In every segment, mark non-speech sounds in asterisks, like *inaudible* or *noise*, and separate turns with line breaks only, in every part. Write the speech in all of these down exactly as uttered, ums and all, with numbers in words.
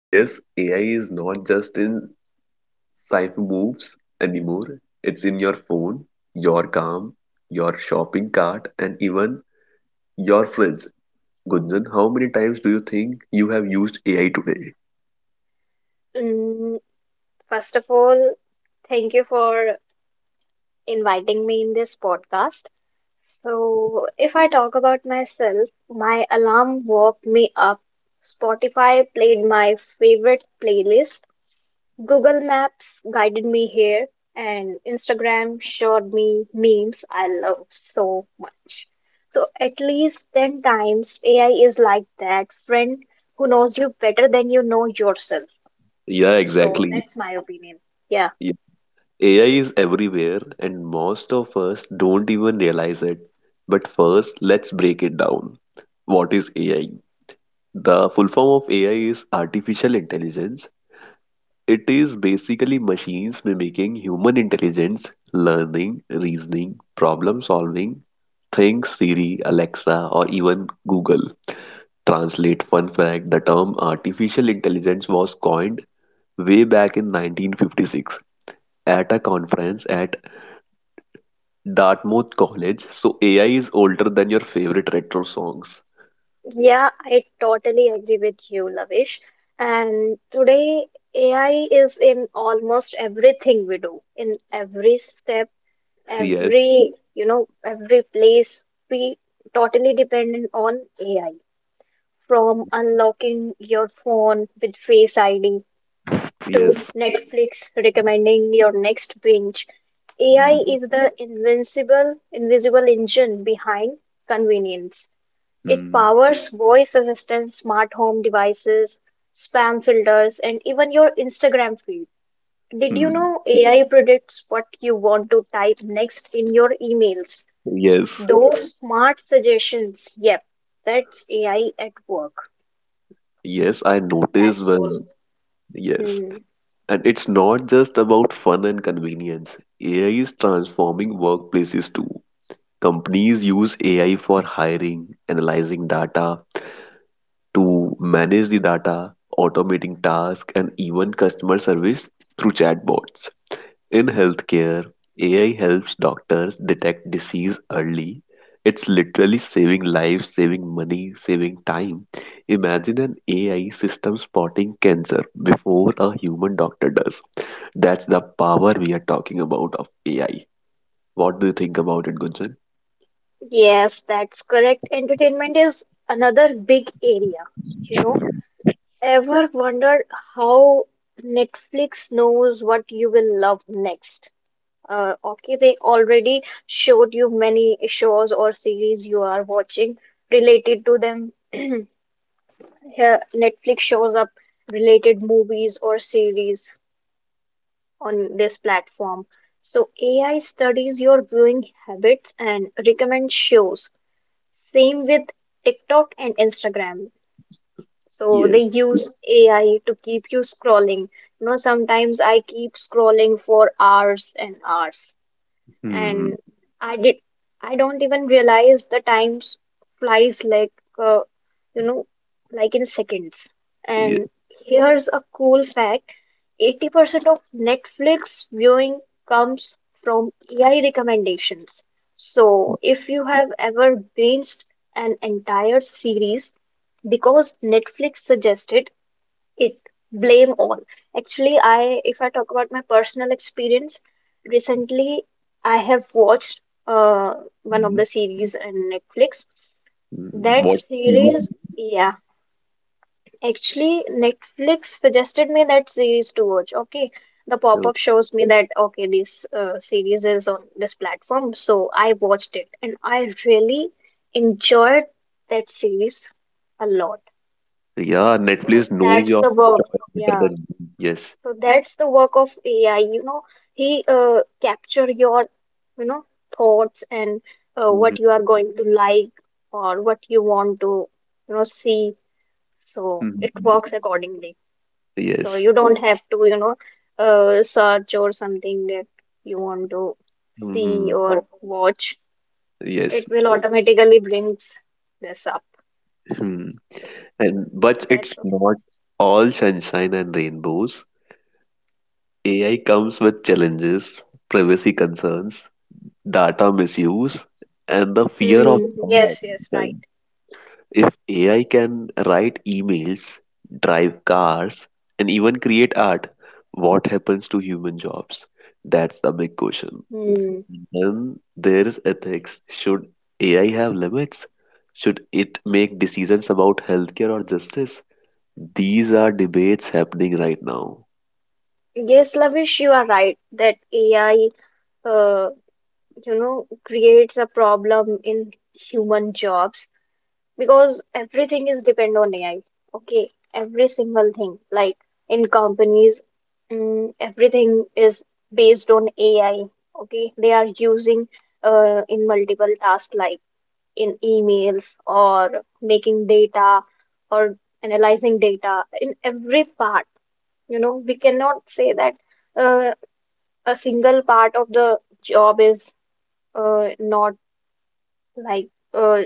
Yes, A I is not just in cyber moves anymore, it's in your phone, your car, your shopping cart, and even your fridge. Gunjan, how many times do you think you have used A I today?
Mm, First of all, thank you for inviting me in this podcast. So, if I talk about myself, my alarm woke me up. Spotify played my favorite playlist. Google Maps guided me here, and Instagram showed me memes I love so much. So, at least ten times, A I is like that friend who knows you better than you know yourself.
Yeah,
So,
exactly.
that's my opinion. Yeah.
A I is everywhere, and most of us don't even realize it. But first, let's break it down. What is A I? The full form of A I is artificial intelligence. It is basically machines mimicking human intelligence, learning, reasoning, problem solving. Think Siri, Alexa, or even Google Translate. Fun fact, the term artificial intelligence was coined way back in nineteen fifty-six at a conference at Dartmouth College. So A I is older than your favorite retro songs.
Yeah, I totally agree with you, Lavish. And today, A I is in almost everything we do, in every step,
Yes,
every, you know, every place. We totally dependent on A I. From unlocking your phone with Face I D
yes.
to Netflix recommending your next binge, A I is the invincible, invisible engine behind convenience. It
Mm,
powers voice assistants, smart home devices, spam filters, and even your Instagram feed. Did you
mm.
know A I predicts what you want to type next in your emails?
Yes,
Those smart suggestions. Yep, that's A I at work.
yes, I notice when. Yes.
Hmm.
And it's not just about fun and convenience. A I is transforming workplaces too. Companies use A I for hiring, analyzing data, to manage the data, automating tasks, and even customer service through chatbots. In healthcare, A I helps doctors detect disease early. It's literally saving lives, saving money, saving time. Imagine an A I system spotting cancer before a human doctor does. That's the power we are talking about of A I. What do you think about it, Gunjan?
Yes, that's correct. Entertainment is another big area. You know, ever wondered how Netflix knows what you will love next? Uh, okay, they already showed you many shows or series you are watching related to them. *clears throat* Here, Netflix shows up related movies or series on this platform. So A I studies your viewing habits and recommends shows. Same with TikTok and Instagram. So they
Yes.
use A I to keep you scrolling. You know, sometimes I keep scrolling for hours and hours.
Hmm.
And I did I don't even realize the time s- flies like uh, you know like in seconds.
Yeah.
And here's a cool fact: eighty percent of Netflix viewing comes from A I recommendations. So if you have ever binged an entire series because Netflix suggested it, blame all actually, I if I talk about my personal experience, recently I have watched uh one of
Hmm.
the series on Netflix.
Hmm.
That
What series? do
series Yeah, actually Netflix suggested me that series to watch. Okay, the
you-
pop-up shows me that, okay, this uh, series is on this platform, so I watched it and I really enjoyed that series a lot.
Yeah, Netflix knows
That's
your
the work
choice better
yeah
than you. Yes.
So that's the work of A I. You know, he uh, capture your, you know, thoughts and uh, what
Hmm.
you are going to like or what you want to, you know, see. So it works accordingly. So
Yes.
you don't have to, you know, uh, search or something that you want to see
Hmm.
or watch. It
Yes.
will automatically brings this up.
Hmm.
So
And
yeah,
but it's
that's all.
not all sunshine and rainbows. A I comes with challenges, privacy concerns, data misuse, and the fear of
Hmm.
job
Yes. Yes. Right.
automation. If A I can write emails, drive cars, and even create art, what happens to human jobs? That's the big question.
Hmm.
Then there is ethics. Should A I have limits? Should it make decisions about healthcare or justice? These are debates happening right now.
Yes, Lavish, you are right that A I uh, you know, creates a problem in human jobs because everything is depend on A I. Okay, every single thing, like in companies, mm, everything is based on A I. Okay, they are using uh, in multiple tasks like in emails or making data or analyzing data in every part. You know, we cannot say that uh, a single part of the job is uh, not like uh,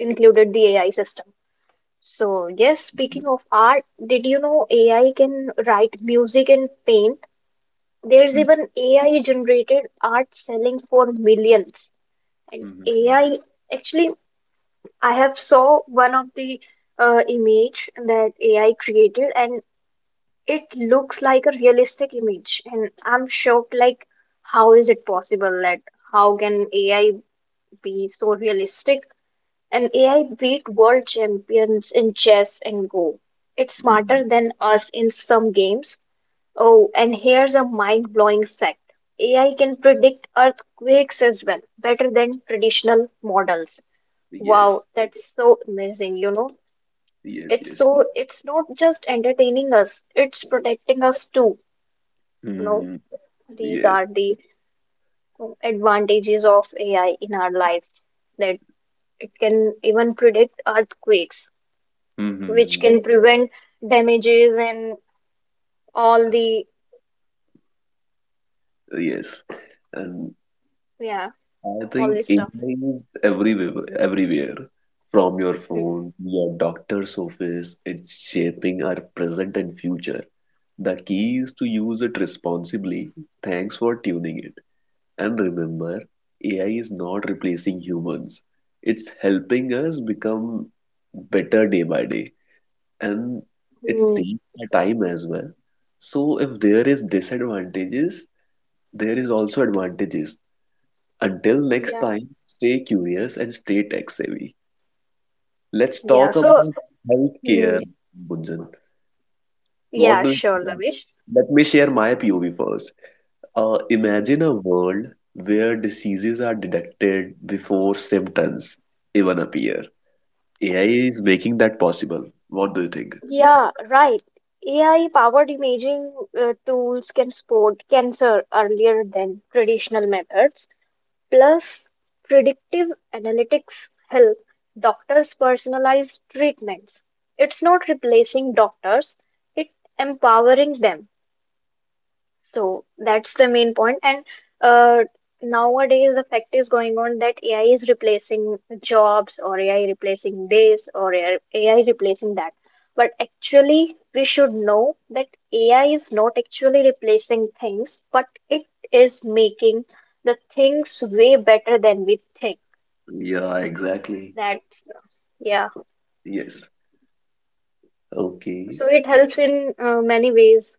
included the A I system. So yes, speaking of art, did you know A I can write music and paint? There's even A I generated art selling for millions. And
Mhm.
A I, actually, I have saw one of the uh, image that A I created, and it looks like a realistic image. And I'm shocked, like how is it possible that how can A I be so realistic? An A I beat world champions in chess and Go. It's smarter
Mhm.
than us in some games. Oh, and here's a mind-blowing fact. A I can predict earthquakes as well, better than traditional models.
Yes,
Wow, that's so amazing, you know.
yes,
It's
yes.
so it's not just entertaining us, it's protecting us too. You know,
Mhm.
these
Yes.
are the uh, advantages of A I in our life, that it can even predict earthquakes, which
Mhm.
can prevent damages and all the
Yes. And
yeah
I
all
think
this stuff.
A I is everywhere, everywhere. From your phone, your doctor's office, it's shaping our present and future. The key is to use it responsibly. Thanks for tuning in. And remember, A I is not replacing humans. It's helping us become better day by day. And it
Hmm.
saves my time as well. So if there is disadvantages, there is also advantages. Until next
yeah
time, stay curious and stay tech savvy. Let's
Yeah,
talk
so.
about
Hmm.
healthcare, Gunjan. What
Yeah,
do you
sure,
think?
Lavish.
Let me share my P O V first. Uh, imagine a world where diseases are detected before symptoms even appear. A I is making that possible. What do you think?
Yeah, right. A I powered imaging uh, tools can spot cancer earlier than traditional methods. Plus, predictive analytics help doctors personalize treatments. It's not replacing doctors, it's empowering them. So that's the main point. And uh, nowadays, the fact is going on that A I is replacing jobs, or A I replacing this, or A I replacing that. But actually, we should know that A I is not actually replacing things, but it is making the things way better than we think.
Yeah, exactly.
That's, yeah.
Yes. Okay.
So it helps in uh, many ways.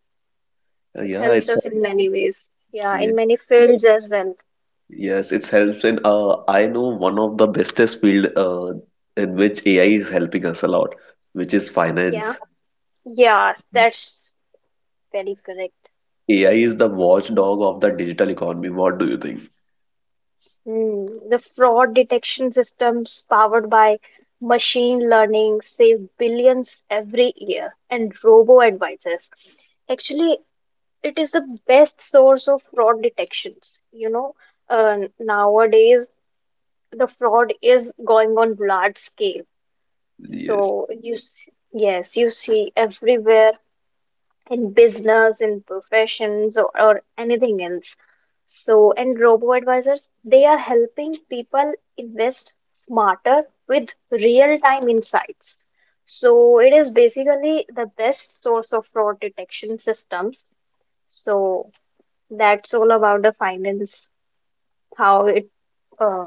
Uh,
It
yeah,
helps
it's
us in many ways. Yeah,
yeah,
in many fields as well.
yes, it helps in uh I know one of the bestest field uh in which A I is helping us a lot, which is
Yeah.
finance.
Yeah, that's very correct.
A I is the watchdog of the digital economy. What do you think?
Hmm. The fraud detection systems powered by machine learning save billions every year, and robo advisors. Actually, it is the best source of fraud detections. You know, uh, nowadays the fraud is going on large scale.
Yes.
So you, s- yes, you see everywhere in business, in professions, or, or anything else. So, and robo advisors, they are helping people invest smarter with real time insights. So, it is basically the best source of fraud detection systems. So, that's all about the finance, how it uh,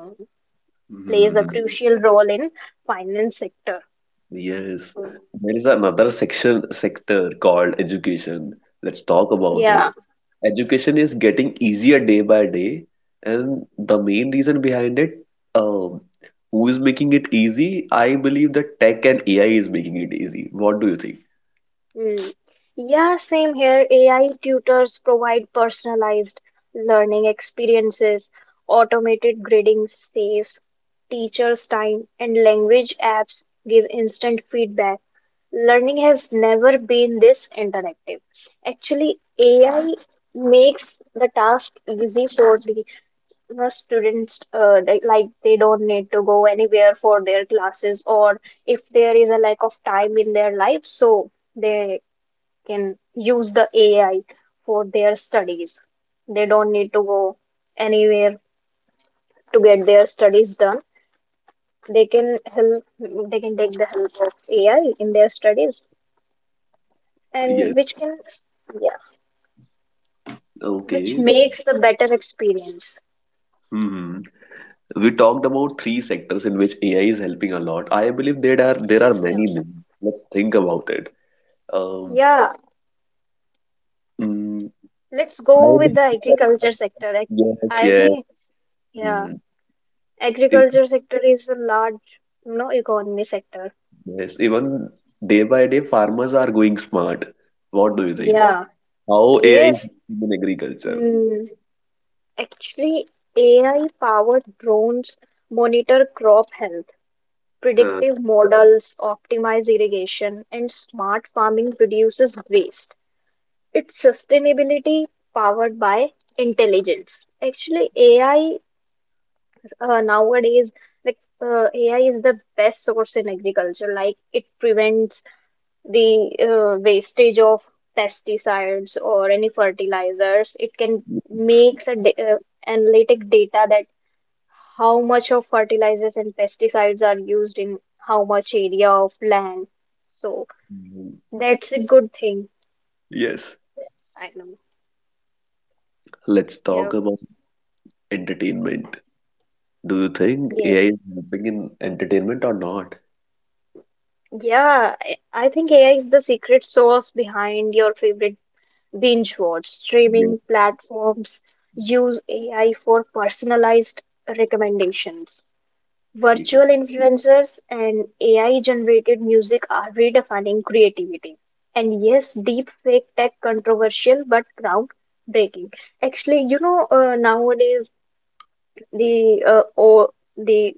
plays a crucial role in finance sector.
Yes, there is another section sector called education. Let's talk about it.
Yeah.
Education is getting easier day by day, and the main reason behind it, um, who is making it easy? I believe that tech and A I is making it easy. What do you think?
Mm. Yeah, same here. A I tutors provide personalized learning experiences, automated grading saves teachers' time, and language apps give instant feedback. Learning has never been this interactive. Actually, A I makes the task easy for the, you know, students, uh, like like they don't need to go anywhere for their classes, or if there is a lack of time in their life, so they can use the A I for their studies. They don't need to go anywhere to get their studies done. They can help. They can take the help of A I in their studies,
Yes,
and which can, yeah, which
okay.
makes the better experience.
Hmm. We talked about three sectors in which A I is helping a lot. I believe there are there are many more. Let's think about it. Um,
Yeah,
mm,
let's
I
go with the
believe that I,
agriculture sector. I, I
yes,
think yeah,
yes. Even,
agriculture sector is a large, you know, economy sector.
yes, even day by day, farmers are going smart. What do you think?
Yeah.
How A I is
Yes.
helping in agriculture?
Hmm. Actually, A I-powered drones monitor crop health,
Huh.
predictive models, optimize irrigation, and smart farming reduces waste. It's sustainability powered by intelligence. Actually, A I, uh, nowadays, like uh, A I is the best source in agriculture. Like it prevents the uh, wastage of pesticides or any fertilizers. It can makes a da- uh, analytic data that how much of fertilizers and pesticides are used in how much area of land. So
Mm.
that's a good thing.
Yes,
I know.
let's
Yeah.
talk about entertainment. Do you think
Yeah.
A I is helping in entertainment or not?
Yeah. I I think A I is the secret sauce behind your favorite binge watch.
Yes,
Streaming platforms use A I for personalized recommendations. Virtual influencers and A I generated music are redefining creativity. And yes, deep fake tech controversial but groundbreaking. Actually, you know, uh, nowadays the uh, or the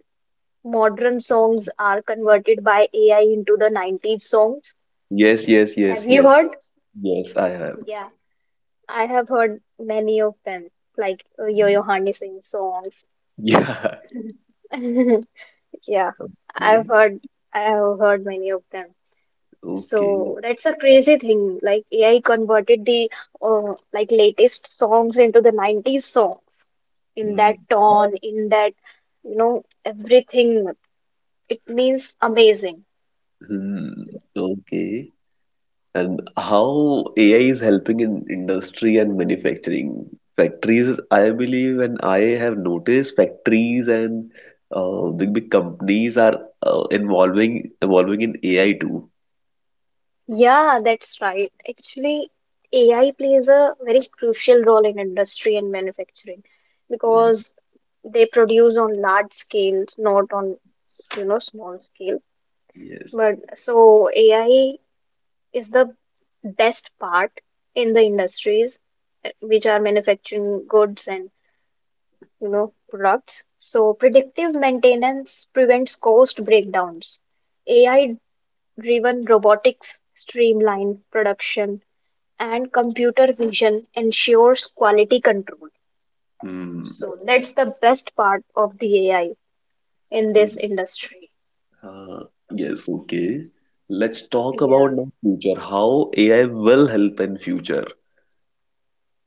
modern songs are converted by A I into the nineties songs.
yes, yes, yes,
Have you
yes,
heard?
yes, I have.
Yeah, I have heard many of them, like uh, Yo-Yo Honey Singh songs.
Yeah. *laughs*
*laughs* Yeah,
Okay,
I've heard I have heard many of them.
okay.
So that's a crazy thing. Like A I converted the uh, like latest songs into the nineties songs in
Hmm.
that tone, in that, you know, everything. It means amazing.
Hmm. Okay. And how A I is helping in industry and manufacturing. Factories, I believe, and I have noticed factories and uh, big big companies are uh, involving evolving in A I too.
Yeah, that's right. Actually, A I plays a very crucial role in industry and manufacturing
Um,
because they produce on large scales, not on, you know, small scale.
Yes.
But so A I is the best part in the industries uh, which are manufacturing goods and, you know, products. So predictive maintenance prevents cost breakdowns, AI driven robotics streamline production, and computer vision ensures quality control.
Hmm.
So that's the best part of the AI in
Hmm.
this industry.
Uh, yes. Okay. Let's talk
Yeah.
about now future. How A I will help in future.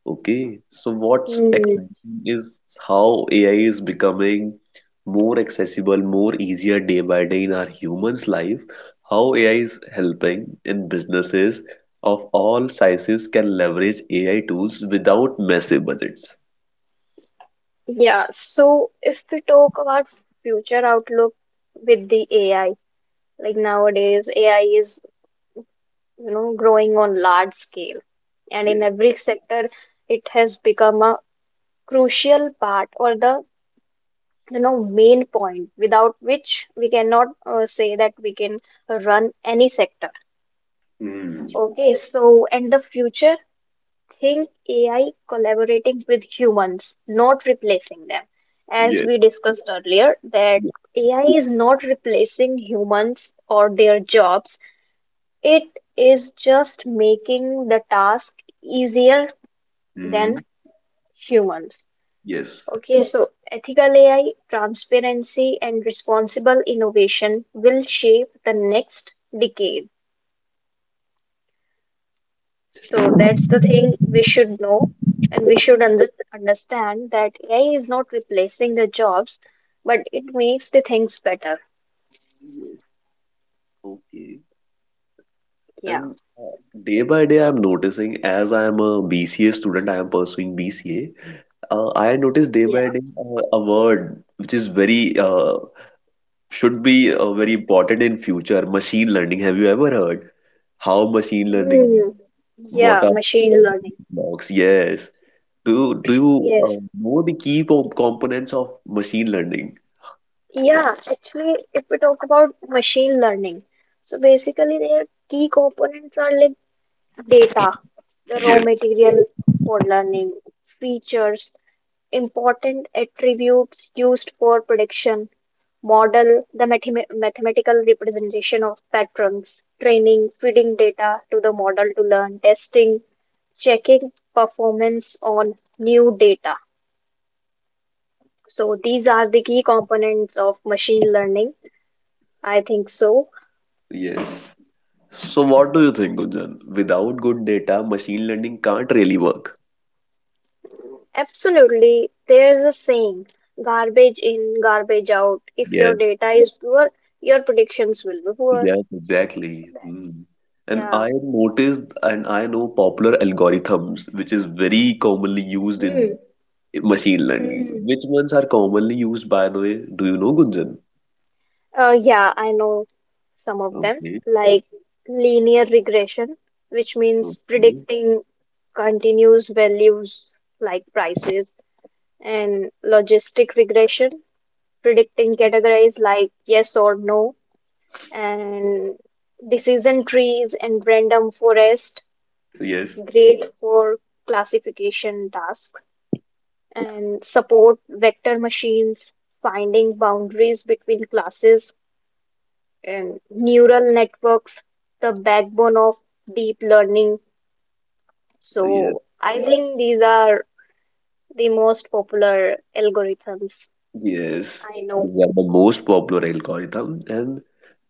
Okay, so what's
Hmm.
exciting is how A I is becoming more accessible, more easier day by day in our humans' life. How A I is helping in businesses of all sizes can leverage A I tools without massive budgets.
Yeah, so if we talk about future outlook with the AI, like nowadays, A I is, you know, growing on large scale, and in
Yes.
every sector, it has become a crucial part or the, you know, main point without which we cannot uh, say that we can run any sector.
Mm.
Okay, so and the future, think A I collaborating with humans, not replacing them. As
Yes.
we discussed earlier, that A I is not replacing humans or their jobs, it is just making the task easier
Hmm,
than humans.
yes.
Okay, so yes, ethical A I, transparency, and responsible innovation will shape the next decade. So that's the thing we should know, and we should under understand that A I is not replacing the jobs, but it makes the things better.
Yes. Okay.
Yeah.
And uh, day by day, I'm noticing as I'm a B C A student, I am pursuing B C A. Uh, I notice day by day uh, a word which is very uh, should be uh, very important in future. Machine learning. Have you ever heard how machine learning?
Hmm.
What
Yeah,
are
machine learning.
blocks? Yes. Do you- do you uh, know the key po- components of machine learning?
Yeah, actually, if we talk about machine learning, so basically their key components are like data, the raw
Yes.
material for learning, features, important attributes used for prediction, model, the mathema- mathematical representation of patterns, training, feeding data to the model to learn, testing, checking performance on new data. So these are the key components of machine learning. I think so.
Yes. So what do you think, Gunjan? Without good data, machine learning can't really work.
Absolutely. There's a saying, garbage in, garbage out. If your
Yes.
data is poor, your predictions will be poor.
Yes, exactly. Hmm. And
Yeah.
I noticed, and I know popular algorithms, which is very commonly used
Hmm.
in machine learning. Which ones are commonly used, by the way? Do you know, Gunjan?
Uh, yeah, I know some of them,
Okay.
like linear regression, which means
Okay.
predicting continuous values like prices, and logistic regression, predicting categories like yes or no, and decision trees and random forests
Yes.
great for classification tasks and support vector machines, finding boundaries between classes and neural networks, the backbone of deep learning.
Yes.
So I think these are the most popular algorithms
Yes.
I know.
These are the most popular algorithm, and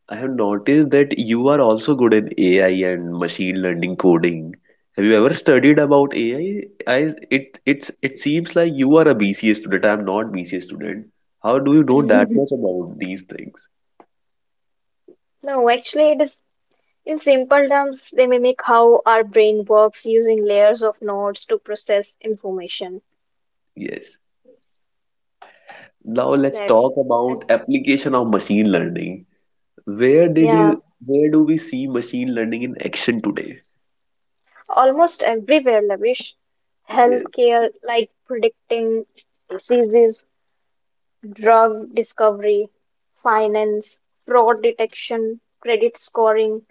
I have noticed that you are also good in A I and machine learning coding. Have you ever studied about A I? I, I it it's it seems like you are a B C A student. I am not B C A student. How do you know that much
*laughs*
about these things?
No, actually, it is in simple terms, they mimic how our brain works using layers of nodes to process information.
Yes. Now
So
let's
that's,
talk
and
about application of machine learning. Where did
yeah,
you Where do we see machine learning in action today?
almost everywhere, Lavish.
Yes.
Healthcare, like predicting diseases, drug discovery, finance, fraud detection, credit scoring,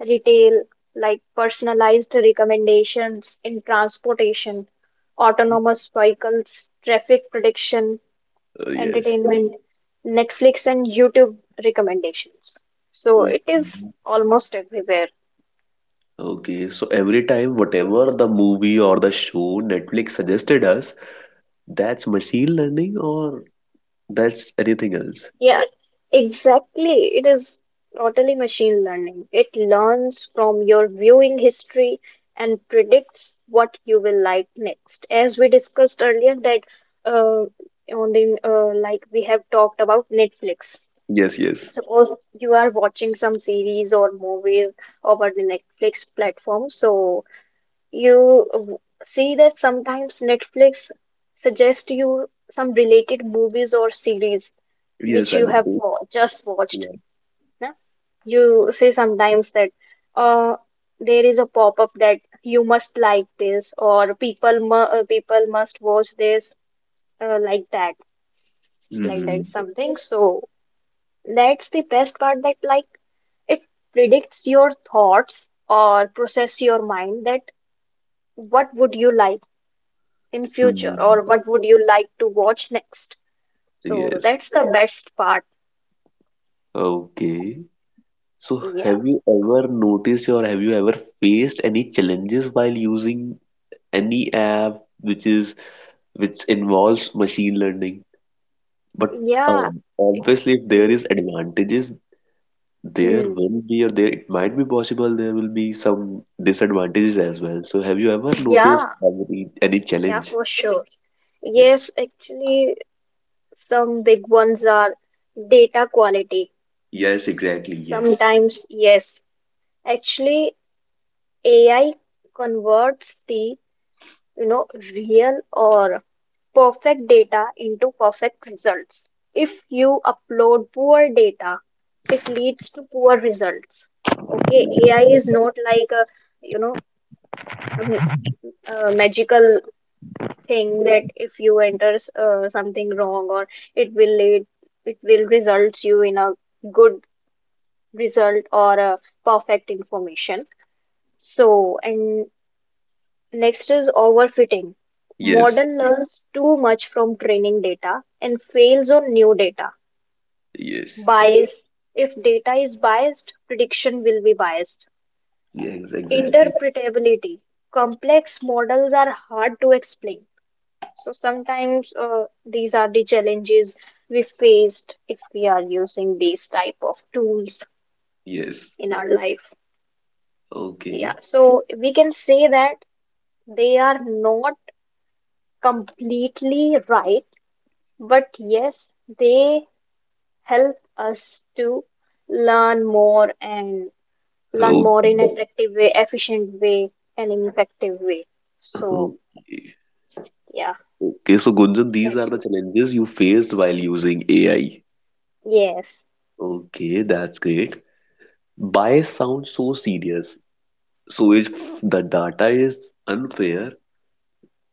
retail, like personalized recommendations in transportation, autonomous vehicles, traffic prediction,
Uh, yes.
entertainment, Netflix and YouTube recommendations. So it is
Okay.
almost everywhere.
Okay, so every time whatever the movie or the show Netflix suggested us, that's machine learning or that's anything else?
Yeah, exactly. It is totally machine learning. It learns from your viewing history and predicts what you will like next. As we discussed earlier, that uh, on the uh, like we have talked about Netflix.
Yes, yes.
Suppose you are watching some series or movies over the Netflix platform, so you uh, w- see that sometimes Netflix suggests you some related movies or series
Yes,
which
I
you
know,
have
both.
wa- just watched,
Yeah.
yeah? You say sometimes that uh, there is a pop-up that you must like this, or people mu uh, people must watch this, uh, like that, like that
Hmm.
something. So that's the best part that like it predicts your thoughts or process your mind that what would you like in future
Hmm.
or what would you like to watch next. So
Yes.
that's the best part.
Okay. So
Yeah.
have you ever noticed or have you ever faced any challenges while using any app which is which involves machine learning? But
Yeah.
um, obviously if there is advantages, there
Hmm.
will be or there it might be possible there will be some disadvantages as well. So have you ever noticed
Yeah.
any any
Yeah,
challenge?
for sure.
Yes.
Yes, actually, some big ones are data quality.
Yes, exactly. Yes.
Sometimes, yes, actually, A I converts the, you know, real or perfect data into perfect results. If you upload poor data, it leads to poor results. Okay, A I is not like a, you know, a m- a magical thing that if you enter s- uh, something wrong, or it will lead, it will results you in a good result or a perfect information. So and next is overfitting model,
Yes.
yeah, learns too much from training data and fails on new data.
Yes.
Bias, if data is biased prediction will be biased.
Yes, exactly.
Interpretability, complex models are hard to explain. So sometimes uh, these are the challenges we faced if we are using these type of tools
Yes.
in our life. Yeah,
Okay.
so we can say that they are not completely right, but yes, they help us to learn more and learn
Okay.
more in attractive way, efficient way, and in effective way. So
Okay.
yeah,
Okay. So, Gunjan, these are
that's
the challenges you faced while using A I.
yes.
Okay, that's great. Bias sounds so serious. So, if the data is unfair,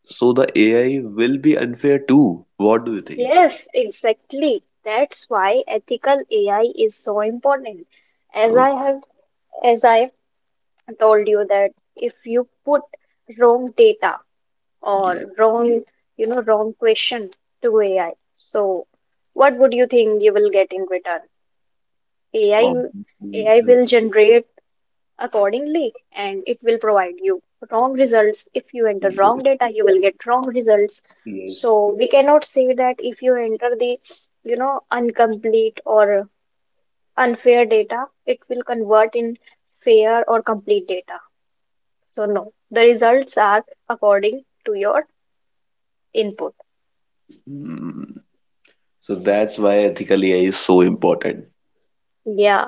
so the A I will be unfair too. What do you think?
Yes, exactly. That's why ethical A I is so important. As
Oh,
I have as I told you that if you put wrong data or
yeah,
wrong, you know, wrong question to A I, so what would you think you will get in return? A I will-
obviously.
A I
um,
will generate accordingly and it will provide you wrong results. If you enter wrong
Yes.
data you will get wrong results.
Yes.
So we cannot say that if you enter the, you know, incomplete or unfair data it will convert in fair or complete data. So no, the results are according to your input.
Hmm. So that's why ethical A I is so important.
Yeah,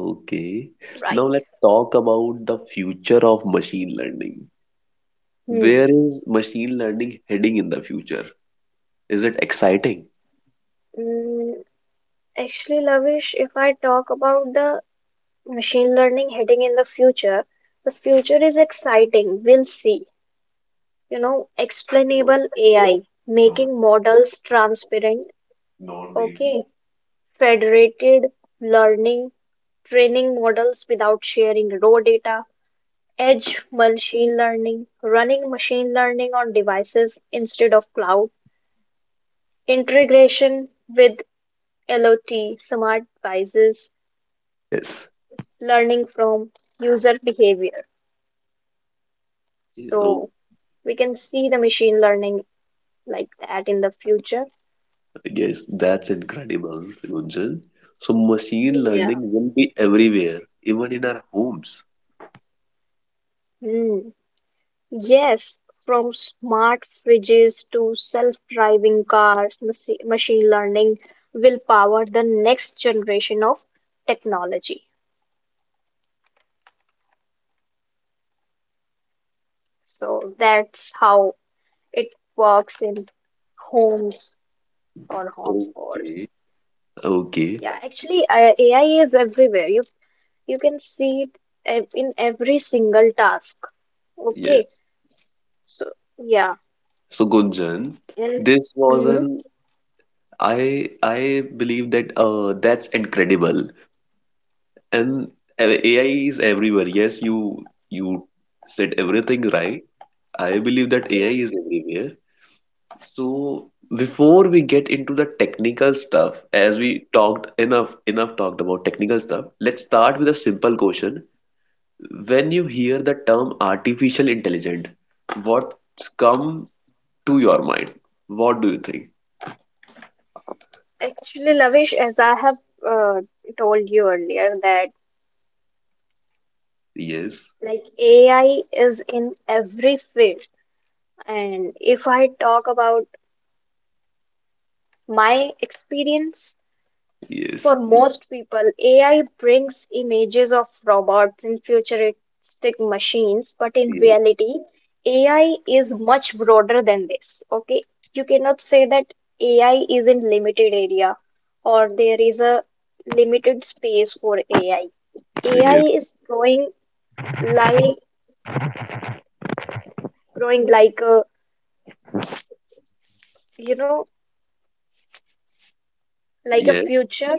Okay.
right.
Now let's talk about the future of machine learning.
Hmm.
Where is machine learning heading in the future? Is it exciting?
Mm, actually Lavish, if I talk about the machine learning heading in the future, the future is exciting. We'll see. You know,
No,
explainable A I,
not,
making models transparent,
not really.
okay, federated learning, training models without sharing raw data, edge machine learning, running machine learning on devices instead of cloud, integration with L O T, smart devices,
Yes.
learning from user behavior.
Okay. Oh,
So we can see the machine learning like that in the future.
yes, that's incredible, Runjan. So machine learning will be everywhere, even in our homes.
Hmm. Yes, from smart fridges to self-driving cars, machi- machine learning will power the next generation of technology. So that's how it works in homes or
Okay.
homeschools.
Okay.
Yeah, actually, uh, A I is everywhere. You you can see it ev- in every single task. Okay,
Yes.
so yeah.
So Gunjan, this was
Hmm.
an I I believe that uh that's incredible. And a- AI is everywhere. Yes, you you said everything right. I believe that A I is everywhere. So before we get into the technical stuff, as we talked enough enough talked about technical stuff, let's start with a simple question. When you hear the term artificial intelligence, what's come to your mind? What do you think?
Actually, Lavish, as I have uh, told you earlier that
Yes,
like A I is in every field. And if I talk about my experience, for
yes,
most people, A I brings images of robots and futuristic machines, but in
yes,
reality, A I is much broader than this. Okay, you cannot say that A I is in limited area or there is a limited space for A I. A I is growing like growing like a, you know, like a
yes.
future.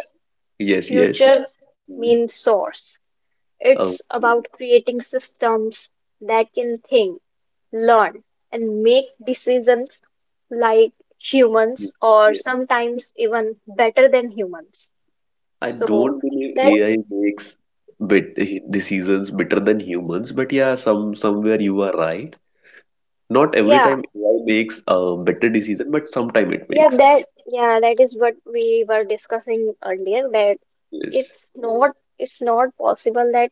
Yes, yes.
Future
Mhm.
means source. It's
Oh,
about creating systems that can think, learn, and make decisions like humans or
yeah.
sometimes even better than humans.
I
So
don't believe
that's
A I makes bit decisions better than humans, but yeah, some somewhere you are right. Not every
yeah,
time A I makes a better decision, but sometime it
yeah,
makes.
that yeah, that is what we were discussing earlier that
Yes.
it's not it's not possible that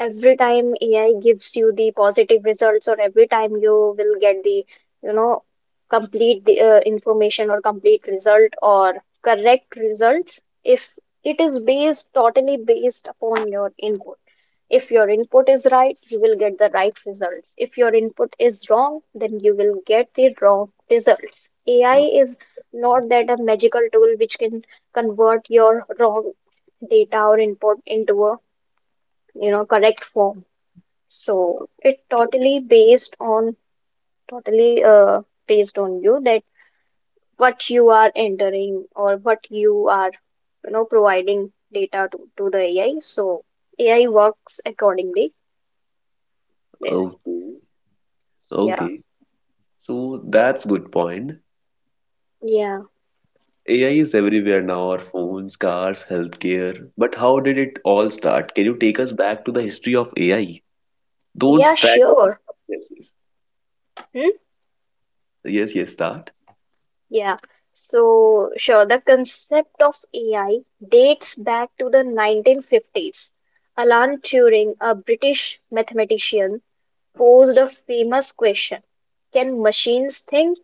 every time A I gives you the positive results, or every time you will get the, you know, complete the, uh, information or complete result or correct results if it is based totally based upon your input. If your input is right, you will get the right results. If your input is wrong, then you will get the wrong results. A I
Uh,
is not that a magical tool which can convert your wrong data or input into a, you know, correct form. So it totally based on totally uh, based on you that what you are entering or what you are, you know, providing data to, to the A I. So A I works accordingly. Yes.
Okay.
Yeah.
Okay. So that's good point.
Yeah,
A I is everywhere now, our phones, cars, healthcare. But how did it all start? Can you take us back to the history of A I? Don't
yeah,
start.
sure.
Yes, yes.
Hmm?
Yes, yes, start.
Yeah. So, sure, the concept of A I dates back to the nineteen fifties. Alan Turing, a British mathematician, posed a famous question, can machines think?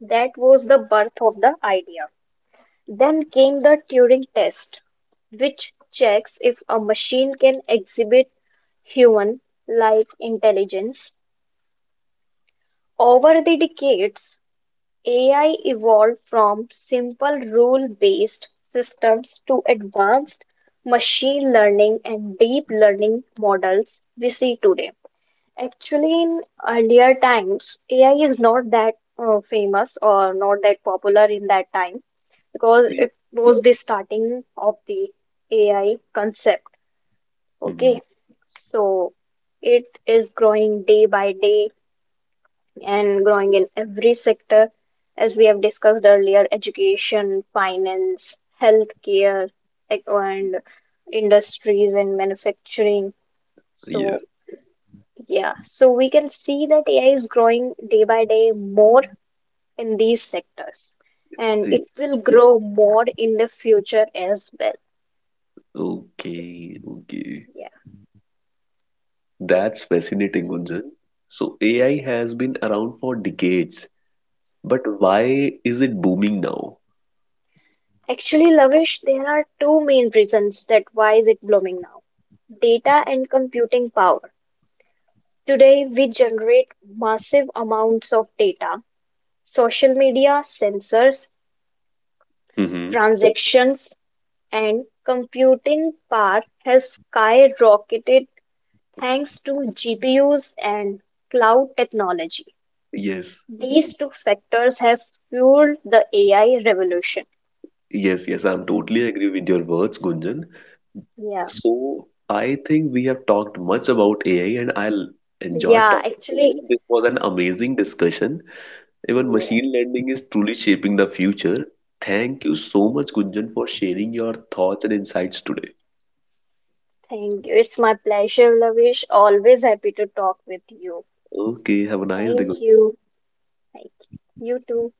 That was the birth of the idea. Then came the Turing test, which checks if a machine can exhibit human like intelligence. Over the decades, A I evolved from simple rule-based systems to advanced machine learning and deep learning models we see today. Actually, in earlier times, A I is not that uh, famous or not that popular in that time because it was the starting of the A I concept.
Mhm.
Okay, so it is growing day by day and growing in every sector, as we have discussed earlier, education, finance, healthcare, ec- and industries and manufacturing. So,
Yes.
yeah, so we can see that A I is growing day by day more in these sectors, and it
Yes.
will grow more in the future as well.
Okay. Okay.
Yeah.
That's fascinating, Gunjan. So A I has been around for decades, but why is it booming now?
Actually, Lavish, there are two main reasons that why is it blooming now, data and computing power. Today, we generate massive amounts of data. Social media, sensors,
Mm-hmm.
transactions, and computing power has skyrocketed thanks to G P Us and cloud technology.
Yes.
These two factors have fueled the A I revolution.
Yes. Yes. I'm totally agree with your words, Gunjan.
Yeah.
So I think we have talked much about A I, and I'll enjoy talking
Yeah,
to
actually,
you. This was an amazing discussion. Even machine learning is truly shaping the future. Thank you so much, Gunjan, for sharing your thoughts and insights today.
thank you. It's my pleasure, Lavish. Always happy to talk with you.
Okay, have a nice day.
Thank you. Thank you. You too.